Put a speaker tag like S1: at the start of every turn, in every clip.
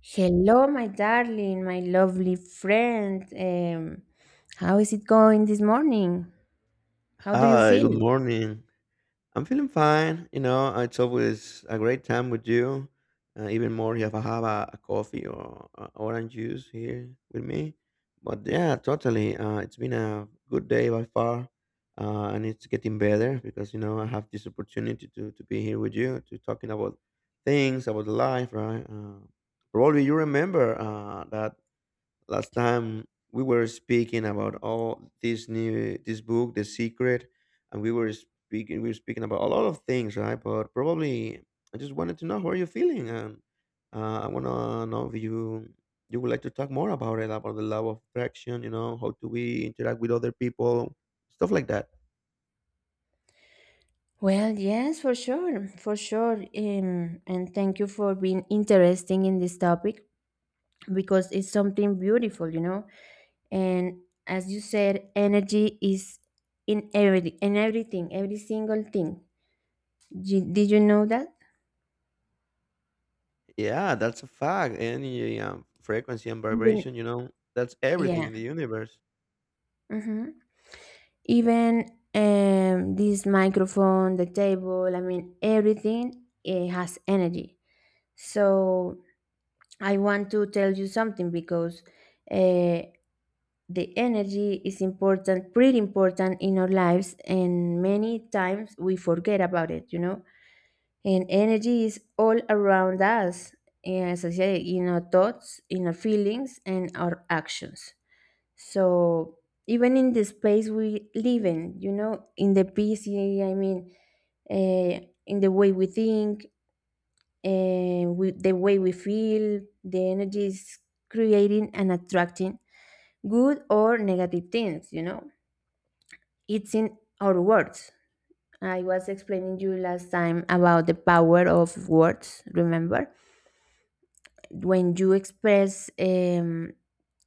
S1: Hello, my darling, my lovely friend. How is it going this morning? How do you
S2: Hi, good
S1: feel?
S2: morning. I'm feeling fine. You know, it's always a great time with you. Even more if I have a coffee or a orange juice here with me. But yeah, totally. It's been a good day by far, and it's getting better because you know I have this opportunity to be here with you to talking about things about life, right? Probably you remember that last time we were speaking about all this new this book, The Secret, and we were speaking about a lot of things, right? But probably I just wanted to know how are you feeling, and I want to know if you would like to talk more about it, about the law of attraction. You know, how do we interact with other people, stuff like that.
S1: Well, yes, for sure, for sure. And thank you for being interesting in this topic because it's something beautiful, you know. And as you said, energy is in everything, every single thing. Did you know that?
S2: Yeah, that's a fact. Energy, frequency and
S1: Even,
S2: vibration, you know, that's everything
S1: yeah.
S2: in the universe.
S1: Mm-hmm. Even this microphone, the table, I mean, everything it has energy. So I want to tell you something because uh, the energy is important, pretty important in our lives, and many times we forget about it, you know. And energy is all around us, as I say, in our thoughts, in our feelings, and our actions. So even in the space we live in, you know, in the busy, I mean, uh, in the way we think, the way we feel, the energy is creating and attracting good or negative things, you know. It's in our words. I was explaining you last time about the power of words, remember? When you express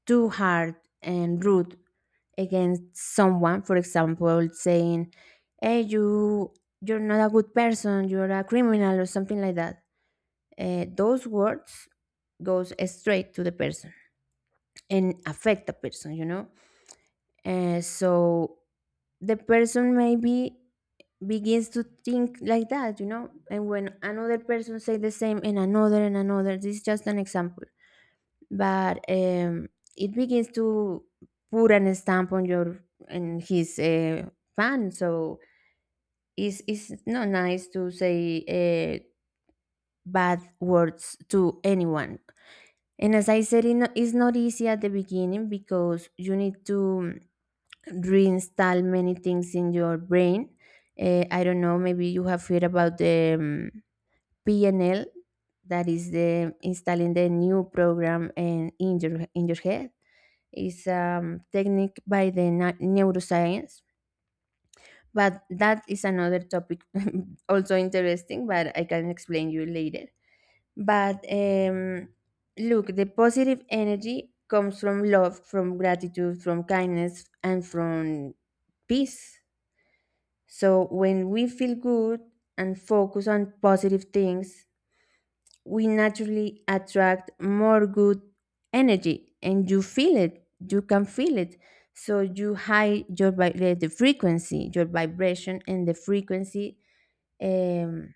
S1: too hard and rude against someone, for example, saying, "Hey, you, you're not a good person. You're a criminal," or something like that. Those words goes straight to the person and affect the person. You know, so the person maybe begins to think like that. You know, and when another person say the same, and another, this is just an example, but it begins to put an stamp on your and his fan. So it's not nice to say bad words to anyone. And as I said, it's not easy at the beginning because you need to reinstall many things in your brain. I don't know, maybe you have heard about the PNL, that is the installing the new program and in your head. It's a technique by the neuroscience. But that is another topic, also interesting, but I can explain you later. But look, the positive energy comes from love, from gratitude, from kindness, and from peace. So when we feel good and focus on positive things, we naturally attract more good energy, and you feel it. You can feel it. So you high your vi- the frequency, your vibration and the frequency um,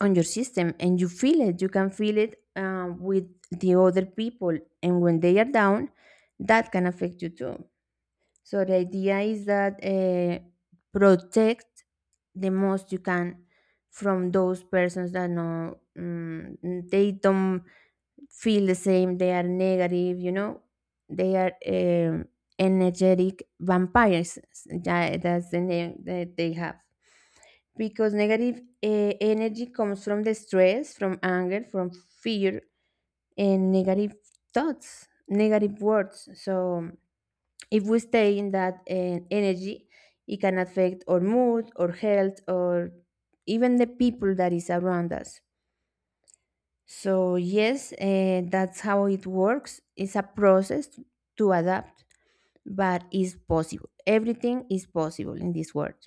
S1: on your system, and you feel it, you can feel it with the other people. And when they are down, that can affect you too. So the idea is that protect the most you can from those persons that no, they don't feel the same, they are negative, you know, they are energetic vampires. Yeah, that's the name that they have because negative energy comes from the stress, from anger, from fear, and negative thoughts, negative words. So if we stay in that energy, it can affect our mood, our health, or even the people that is around us. So yes, that's how it works. It's a process to adapt, but it's possible. Everything is possible in this world.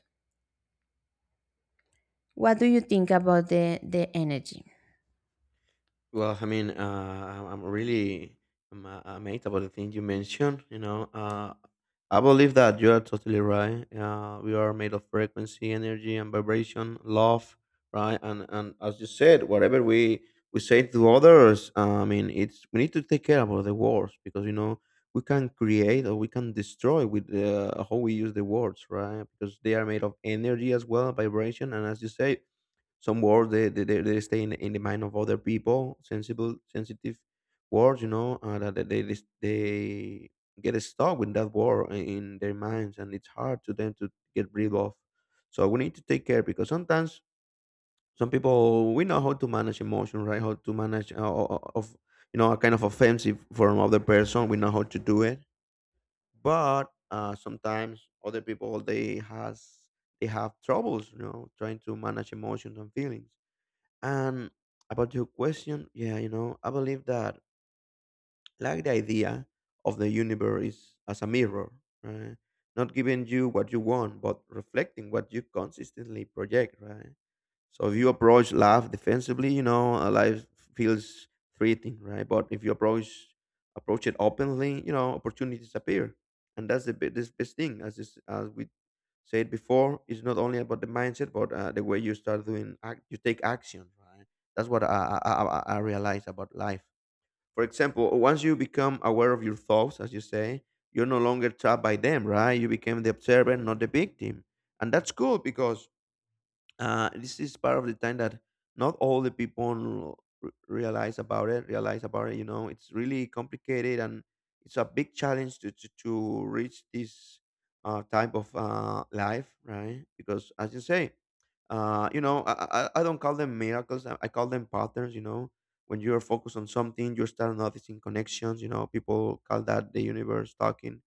S1: What do you think about the energy?
S2: Well, I mean, I'm really amazed about the thing you mentioned. You know, I believe that you are totally right. We are made of frequency, energy, and vibration, love, right? And as you said, whatever we say to others, I mean, it's we need to take care about the words, because you know we can create or we can destroy with how we use the words, right? Because they are made of energy as well, vibration, and as you say, some words they stay in the mind of other people. Sensible, sensitive words, you know. Uh, that that they they they get stuck with that word in their minds, and it's hard to them to get rid of. So we need to take care, because sometimes some people we know how to manage emotion, right? How to manage, of, you know, a kind of offensive from other person, we know how to do it. But sometimes other people they has they have troubles, you know, trying to manage emotions and feelings. And about your question, yeah, you know, I believe that like the idea of the universe is as a mirror, right? Not giving you what you want, but reflecting what you consistently project, right? So if you approach life defensively, you know, life feels threatening, right? But if you approach it openly, you know, opportunities appear, and that's the this best thing. As this, as we said before, it's not only about the mindset, but the way you start doing, act, you take action, right? That's what I realize about life. For example, once you become aware of your thoughts, as you say, you're no longer trapped by them, right? You became the observer, not the victim, and that's cool because this is part of the time that not all the people realize about it, you know, it's really complicated. And it's a big challenge to to reach this type of life, right? Because as you say, you know, I don't call them miracles, I call them patterns, you know. When you're focused on something, you start noticing connections. You know, people call that the universe talking.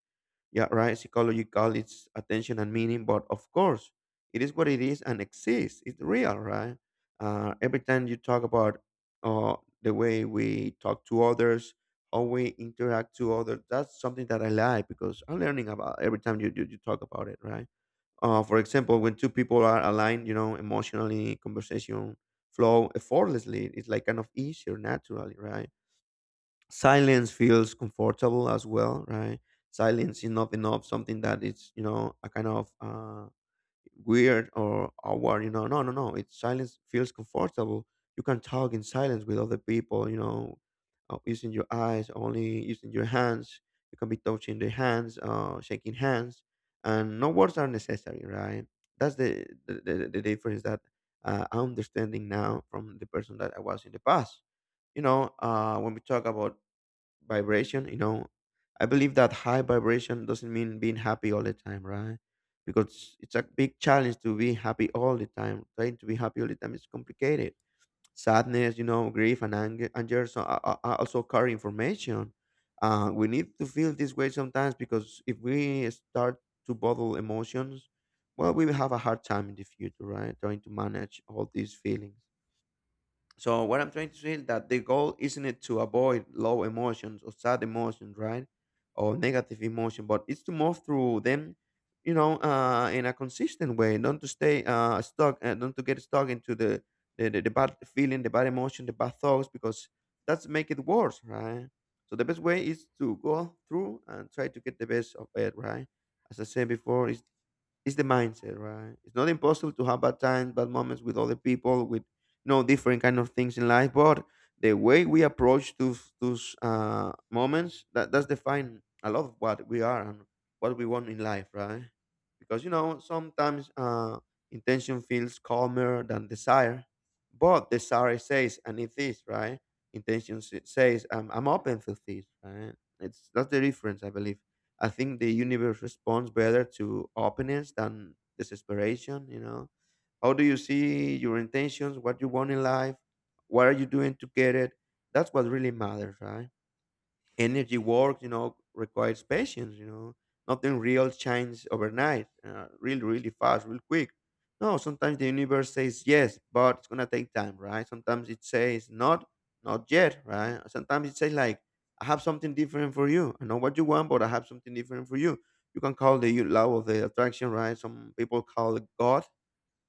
S2: Yeah, right. Psychological, it's attention and meaning, but of course, it is what it is and exists. It's real, right? Every time you talk about uh, the way we talk to others, how we interact to others, that's something that I like, because I'm learning about every time you talk about it, right? For example, when two people are aligned, you know, emotionally, conversation flow effortlessly. It's like kind of easier, naturally, right? Silence feels comfortable as well, right? Silence is not enough something that it's, you know, a kind of weird or awkward, you know. No, no, no, it's silence feels comfortable. You can talk in silence with other people, you know, using your eyes only, using your hands. You can be touching the hands, shaking hands, and no words are necessary, right? That's the difference that I'm understanding now from the person that I was in the past. You know, when we talk about vibration, you know, I believe that high vibration doesn't mean being happy all the time, right? Because it's a big challenge to be happy all the time. Trying to be happy all the time is complicated. Sadness, you know, grief and anger, anger, so are also carry information. Uh, we need to feel this way sometimes, because if we start to bottle emotions, well, we will have a hard time in the future, right, trying to manage all these feelings. So what I'm trying to say is that the goal isn't it to avoid low emotions or sad emotions, right? Or negative emotion, but it's to move through them, you know, in a consistent way. Not to stay stuck, not to get stuck into the bad feeling, the bad emotion, the bad thoughts, because that's make it worse, right? So the best way is to go through and try to get the best of it, right? As I said before, it's the mindset, right? It's not impossible to have bad times, bad moments with other people, with, you know, different kind of things in life. But the way we approach those moments, that does define a lot of what we are and what we want in life, right? Because you know sometimes intention feels calmer than desire, but desire says, and it is right. Intention says, "I'm open for this." Right? It's that's the difference, I believe. I think the universe responds better to openness than desperation, you know. How do you see your intentions, what you want in life, what are you doing to get it? That's what really matters, right? Energy work, you know, requires patience, you know. Nothing real changes overnight, really, really fast, real quick. No, sometimes the universe says yes, but it's going to take time, right? Sometimes it says not, not yet, right? Sometimes it says like, I have something different for you. I know what you want, but I have something different for you. You can call the law of the attraction, right? Some people call it God,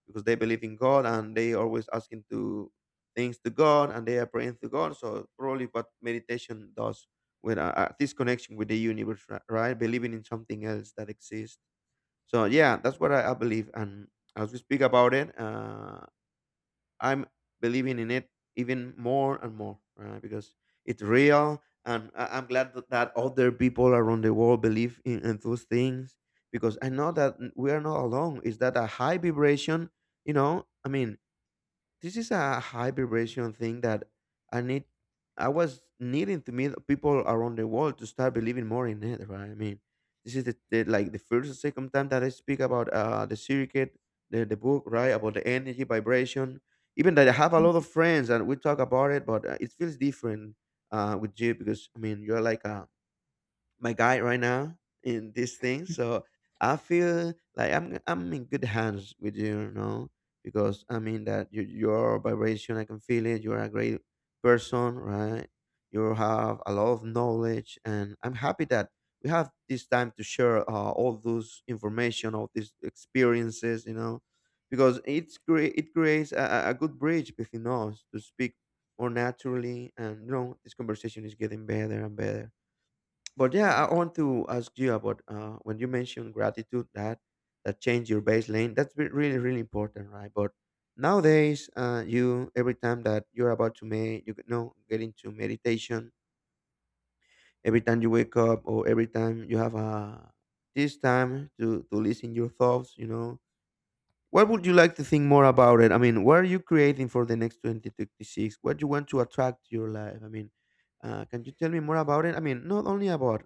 S2: because they believe in God and they always asking to things to God, and they are praying to God. So probably what meditation does with this connection with the universe, right? Believing in something else that exists. So yeah, that's what I believe. And as we speak about it, I'm believing in it even more and more, right? Because it's real, and I'm glad that other people around the world believe in those things, because I know that we are not alone. Is that a high vibration? You know, I mean, this is a high vibration thing that I need. I was needing to meet people around the world to start believing more in it, right? I mean, this is the like the first or second time that I speak about the circuit, the book, right? About the energy vibration. Even that I have a lot of friends and we talk about it, but it feels different with you, because I mean you're like a my guide right now in this thing. So I feel like I'm in good hands with you, you know, because I mean that you, your vibration, I can feel it. You're a great person, right? You have a lot of knowledge, and I'm happy that we have this time to share all those information, all these experiences, you know, because it's it creates a good bridge between us to speak more naturally. And you know, this conversation is getting better and better. But yeah, I want to ask you about when you mentioned gratitude, that that changed your baseline. That's really, really important, right? But nowadays, you every time that you're about to make, you know, get into meditation, every time you wake up or every time you have a this time to listen your thoughts, you know, what would you like to think more about it? I mean, what are you creating for the next 2026? What you want to attract to your life? I mean, can you tell me more about it? I mean, not only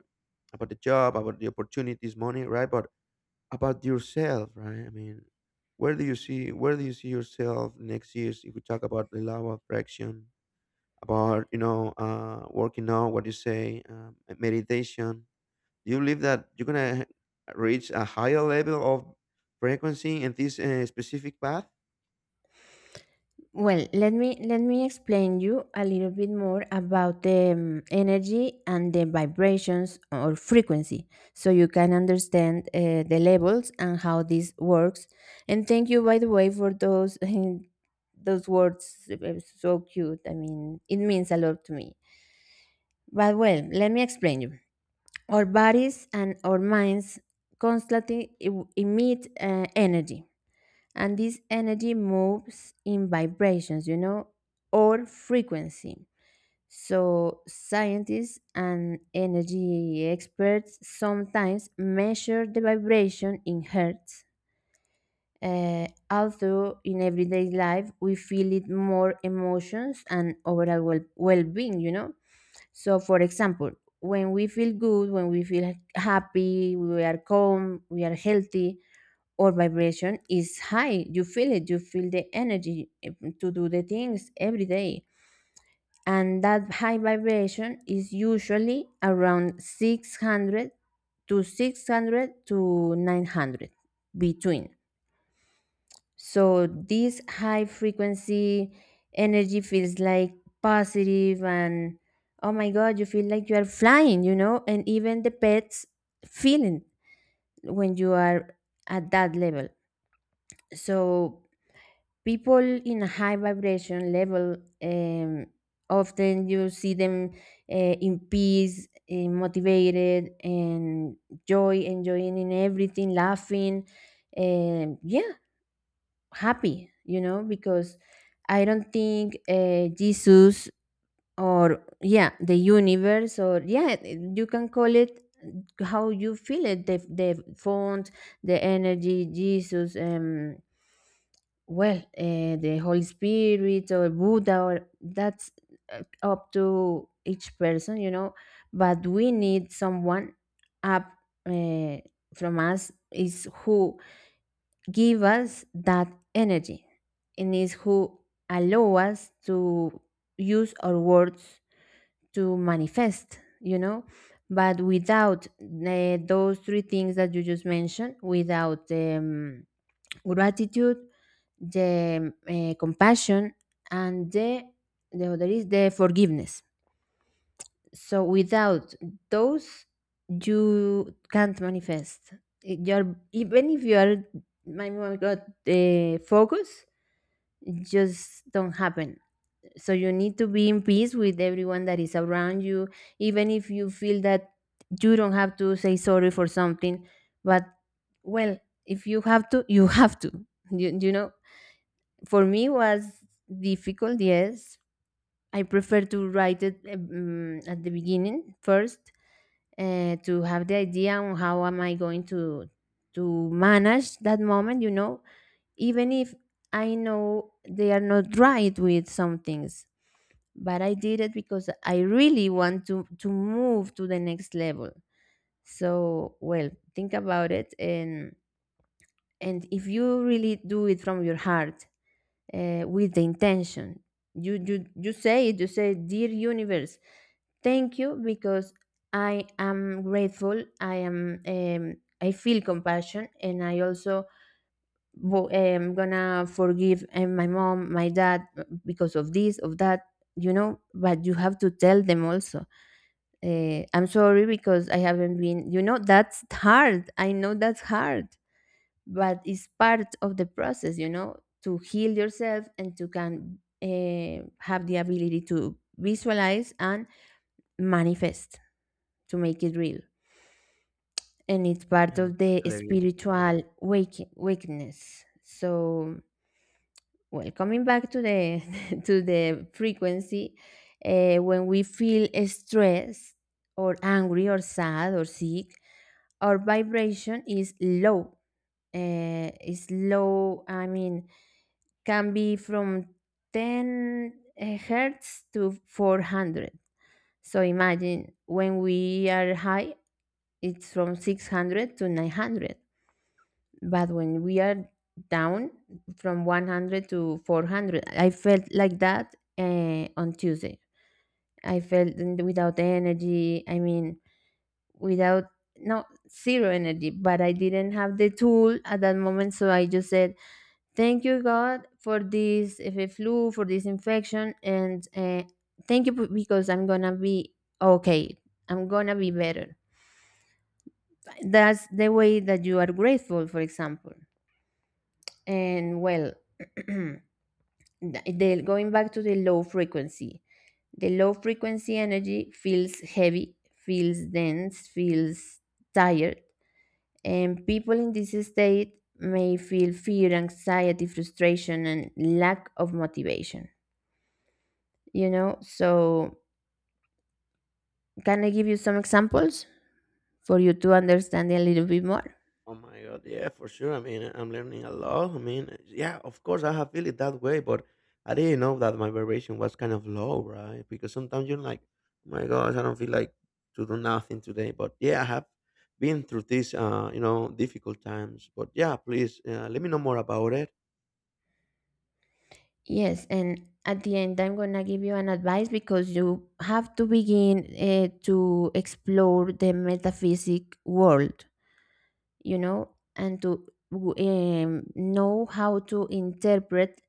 S2: about the job, about the opportunities, money, right? But about yourself, right? I mean, where do you see yourself next years? If we talk about the law of attraction, about working out, what you say, meditation, do you believe that you're gonna reach a higher level of frequency in this specific path?
S1: Well, let me explain you a little bit more about the energy and the vibrations or frequency, so you can understand the levels and how this works. And thank you, by the way, for those those words. So cute. I mean, it means a lot to me. But well, let me explain you. Our bodies and our minds constantly emit energy, and this energy moves in vibrations, you know, or frequency. So, scientists and energy experts sometimes measure the vibration in hertz. Although in everyday life we feel it more emotions and overall well-being, you know. So, for example, when we feel good, when we feel happy, we are calm, we are healthy, or vibration is high. You feel it, you feel the energy to do the things every day. And that high vibration is usually around 600 to 900 between. So this high frequency energy feels like positive, and oh my god, you feel like you are flying, you know, and even the pets feeling when you are at that level. So people in a high vibration level, um, often you see them uh, in peace, motivated and joy, enjoying in everything, laughing, yeah, happy, you know, because I don't think Jesus or, yeah, the universe, or, yeah, you can call it how you feel it, the font, the energy, Jesus, well, the Holy Spirit or Buddha, or that's up to each person, you know. But we need someone up, uh, from us, is who give us that energy, and is who allow us to use our words to manifest, you know. But without those three things that you just mentioned, without gratitude, the compassion, and the other is the forgiveness, so without those you can't manifest. You're even if you are, my god, focus, it just don't happen. So you need to be in peace with everyone that is around you, even if you feel that you don't have to say sorry for something. But well, if you have to, you have to. You know, for me was difficult, yes. I prefer to write it at the beginning first, to have the idea on how am I going to manage that moment, you know, even if I know they are not right with some things, but I did it because I really want to move to the next level. So well, think about it. And if you really do it from your heart, with the intention. You say it, you say, "Dear universe, thank you because I am grateful. I am, I feel compassion, and I also am gonna forgive my mom, my dad because of this, of that," you know, but you have to tell them also, "I'm sorry because I haven't been," you know, that's hard. I know that's hard, but it's part of the process, you know, to heal yourself and to can have the ability to visualize and manifest, to make it real. And it's part
S2: Yeah, I'm
S1: of the
S2: totally agree.
S1: spiritual wakeness. So well, coming back to the to the frequency, when we feel stressed or angry or sad or sick, our vibration is low. Is low, I mean, can be from 10 hertz to 400. So imagine when we are high, it's from 600 to 900. But when we are down, from 100 to 400. I felt like that on Tuesday. I felt without energy, I mean, without, no, zero energy, but I didn't have the tool at that moment. So I just said, "Thank you, God, for this flu, for this infection, and thank you because I'm gonna be okay. I'm gonna be better." That's the way that you are grateful, for example. And well, the, going back to the low frequency energy feels heavy, feels dense, feels tired, and people in this state may feel fear, anxiety, frustration, and lack of motivation, you know. So can I give you some examples for you to understand a little bit more?
S2: Oh my god, yeah, for sure. I mean, I'm learning a lot. I mean, yeah, of course, I have feel it that way, but I didn't know that my vibration was kind of low, right? Because sometimes you're like, oh my gosh, I don't feel like to do nothing today. But yeah, I have been through these, difficult times. But yeah, please let me know more about it.
S1: Yes, and at the end I'm going to give you an advice because you have to begin to explore the metaphysic world, you know, and to know how to interpret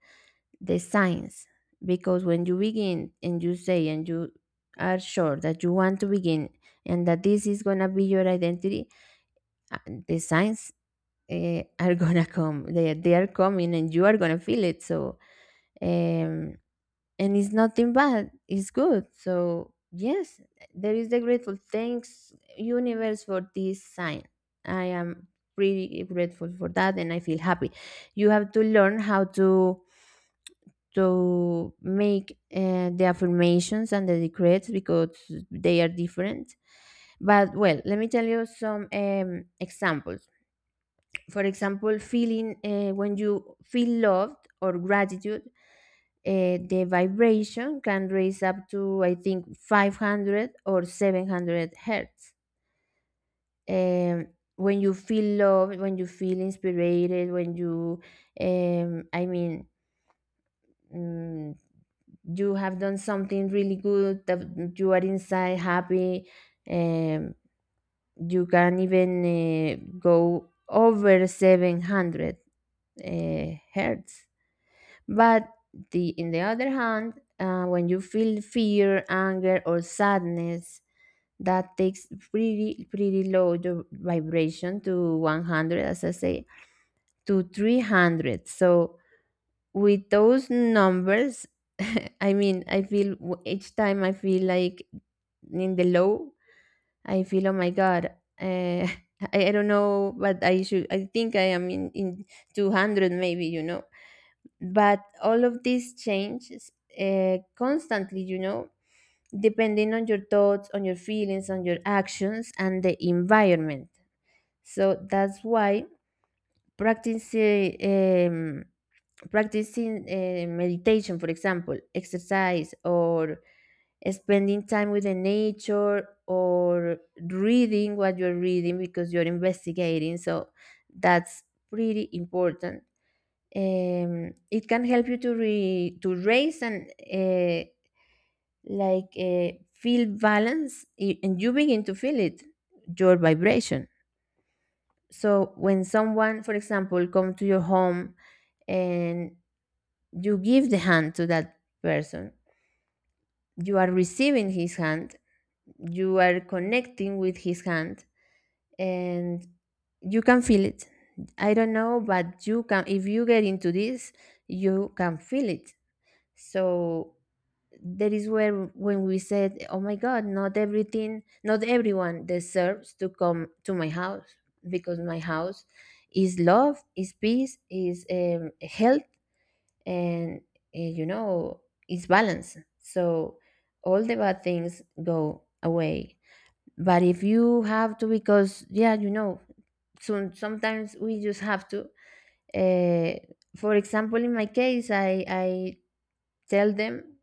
S1: the science. Because when you begin, and you say and you are sure that you want to begin, and that this is going to be your identity, uh, the science, are gonna come. They are coming, and you are gonna feel it. So um, and it's nothing bad, it's good. So yes, there is the grateful. Thanks universe for this sign. I am pretty grateful for that, and I feel happy. You have to learn how to make the affirmations and the decrees because they are different. But well, let me tell you some examples. For example, feeling when you feel loved or gratitude, the vibration can raise up to, I think, 500 or 700 hertz. Um, when you feel loved, when you feel inspired, when you, I mean, mm, you have done something really good that you are inside happy, um, you can even go over 700 hertz. But the, in the other hand, when you feel fear, anger, or sadness, that takes pretty pretty low the vibration to 100, as I say, to 300. So with those numbers, I mean, I feel each time I feel like in the low, I feel oh my god, uh, I don't know, but I should. I think I am in 200 maybe, but all of this changes constantly, depending on your thoughts, on your feelings, on your actions, and the environment. So that's why practicing um, practicing meditation, for example, exercise, or spending time with the nature, or reading what you're reading because you're investigating. So that's pretty important. It can help you to raise, and uh, like feel balance, and you begin to feel it, your vibration. So when someone, for example, come to your home and you give the hand to that person, you are receiving his hand, you are connecting with his hand, and you can feel it. I don't know, but you can, if you get into this, you can feel it. So that is where, when we said, oh my god, not everything, not everyone deserves to come to my house, because my house is love, is peace, is health, and uh, you know is balance. So all the bad things go away. But if you have to, because, yeah, you know, sometimes we just have to, uh, for example, in my case, I tell them,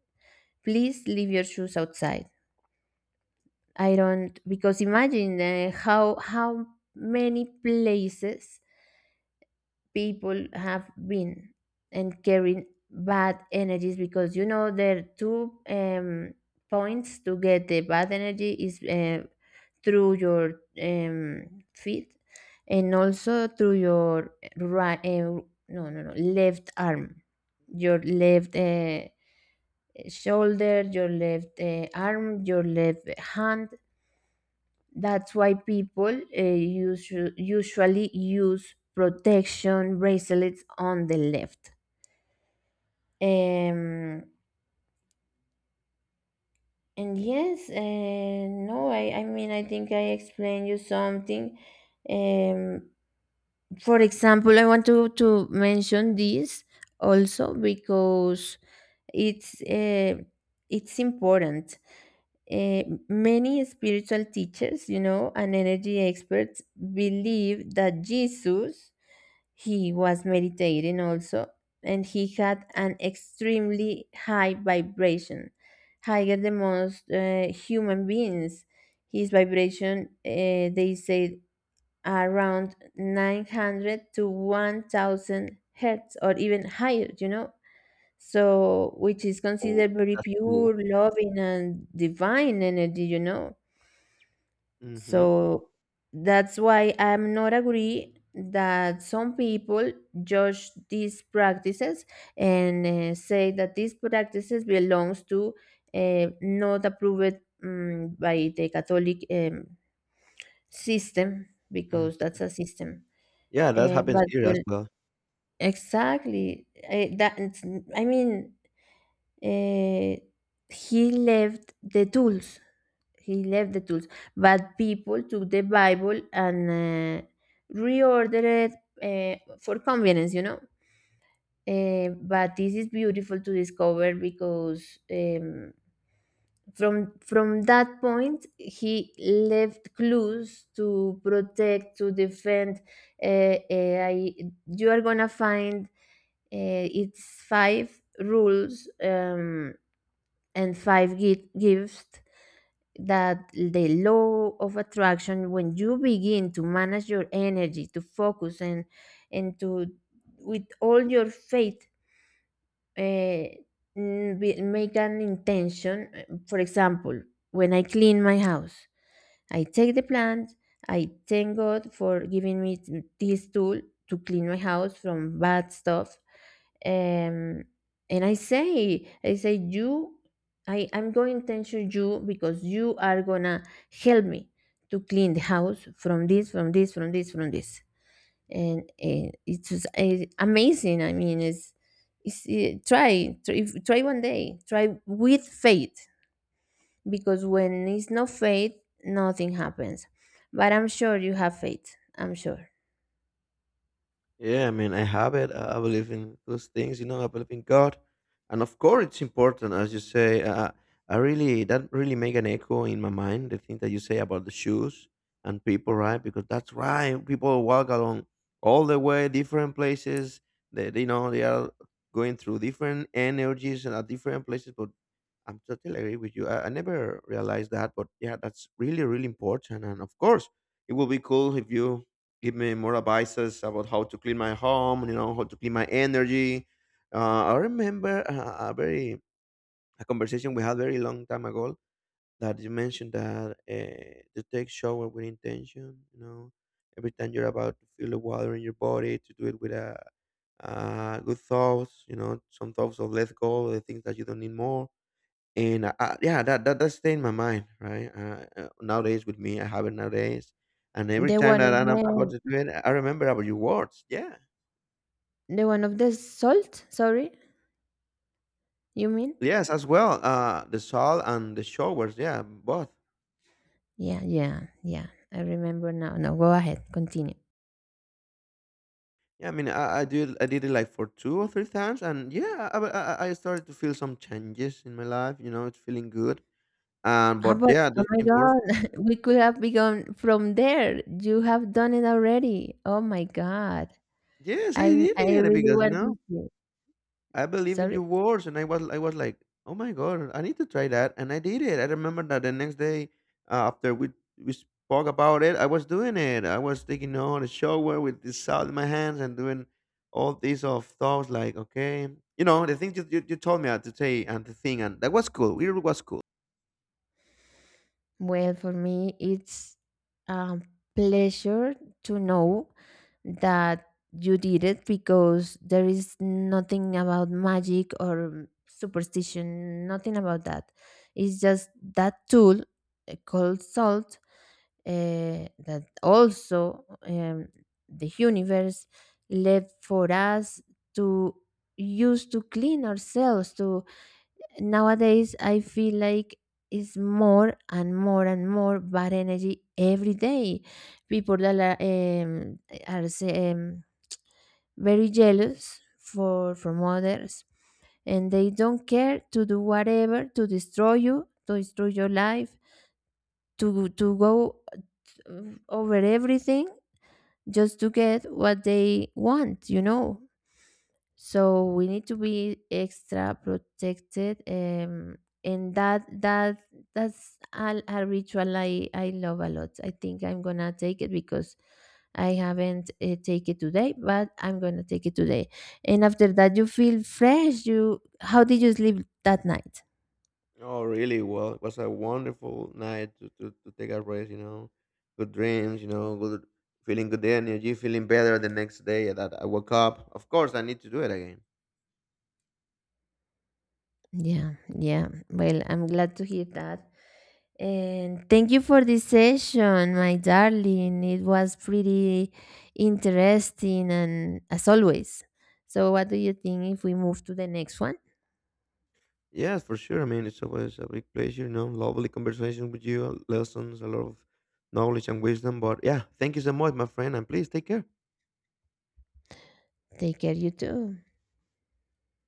S1: please leave your shoes outside. I don't, because imagine, how many places people have been, and carrying bad energies, because you know there are two points to get the bad energy. Is through your feet, and also through your right, no, no, no, left arm. Your left shoulder, your left arm, your left hand. That's why people usually use protection bracelets on the left. Um, and yes, no, I mean, I think I explained you something. Um, for example, I want to mention this also because it's uh, it's important. eh, Many spiritual teachers, you know, and energy experts believe that Jesus, he was meditating also, and he had an extremely high vibration, higher than most human beings. His vibration, they say, around 900 to 1000 hertz or even higher, you know, so which is
S2: Oh,
S1: considered very
S2: that's
S1: pure,
S2: cool.
S1: loving, and divine energy, you know.
S2: Mm-hmm.
S1: So that's why I'm not agree that some people judge these practices, and say that these practices belongs to, not approved by the Catholic system, because that's a system.
S2: Yeah, that happens
S1: But
S2: here as
S1: well,
S2: well.
S1: exactly I, that, I mean uh, he left the tools. He left the tools, but people took the Bible and reordered it, for convenience, you know. But this is beautiful to discover because from that point he left clues to protect, to defend. Uh, uh, I, you are gonna find, it's five rules. And five gives that, the law of attraction, when you begin to manage your energy, to focus, and to, with all your faith, uh, make an intention. For example, when I clean my house, I take the plant. I thank God for giving me this tool to clean my house from bad stuff. Um, and I say, you, I'm going to thank you because you are gonna help me to clean the house from this, from this, from this, from this, and it's just, amazing. I mean, try, try one day, try with faith, because when it's no faith, nothing happens. But I'm sure you have faith. I'm sure.
S2: Yeah, I mean, I have it. I believe in those things, you know. I believe in God, and of course, it's important, as you say. I really that really make an echo in my mind. The thing that you say about the shoes and people, right? Because that's right. People walk along all the way, different places. They are going through different energies and at different places. But I'm totally agree with you. I never realized that, but yeah, that's really, really important. And of course, it will be cool if you give me more advices about how to clean my home, you know, how to clean my energy. I remember a very a conversation we had very long time ago that you mentioned that to take shower with intention, you know, every time you're about to feel the water in your body, to do it with a good thoughts, you know, some thoughts of let go, the things that you don't need more and yeah that that stayed in my mind, right. Nowadays with me, I have it nowadays, and every
S1: The
S2: time
S1: one
S2: that
S1: of
S2: I'm about
S1: the
S2: to do it, I remember about your words. Yeah.
S1: the one of the salt. Sorry, you mean?
S2: Yes, as well. The salt and the showers, yeah, both.
S1: Yeah, yeah, yeah. I remember now. No, go ahead. Continue.
S2: Yeah, I mean, I did I did it like for two or three times, and yeah, I started to feel some changes in my life, you know. It's feeling good, and
S1: How
S2: but
S1: about,
S2: yeah,
S1: oh
S2: that's
S1: my
S2: important.
S1: God, we could have begun from there. You have done it already. Oh my God.
S2: Yes, I
S1: I
S2: did
S1: I
S2: it
S1: really
S2: because you
S1: want to
S2: know
S1: see.
S2: I believe in your
S1: Sorry.
S2: words, and I was like, oh my god, I need to try that, and I did it. I remember that the next day after we spoke about it, I was doing it. I was taking on a shower with the salt in my hands and doing all these of thoughts like, okay, you know, the things you told me how to say and the thing, and that was cool. It was cool.
S1: Well, for me, it's a pleasure to know that you did it, because there is nothing about magic or superstition, nothing about that. It's just that tool, called salt, that also the universe left for us to use, to clean ourselves. To Nowadays, I feel like it's more and more and more bad energy every day. People that are, um, are say, very jealous for from others, and they don't care to do whatever to destroy you, to destroy your life, to go over everything, just to get what they want. You know. So we need to be extra protected, and that's a ritual I love a lot. I think I'm gonna take it, because I haven't take it today, but I'm gonna take it today. And after that you feel fresh. You, how did you sleep that night?
S2: Oh, really? Well, it was a wonderful night to take a rest, you know, good dreams, you know, good feeling good energy, feeling better the next day that I woke up. Of course, I need to do it again.
S1: Yeah, yeah. Well, I'm glad to hear that. And thank you for this session, my darling. It was pretty interesting, and as always. So, what do you think if we move to the next one?
S2: Yes, for sure. I mean, it's always a big pleasure, you know, lovely conversation with you, lessons, a lot of knowledge and wisdom. But yeah, thank you so much, my friend, and please take care.
S1: Take care, you too.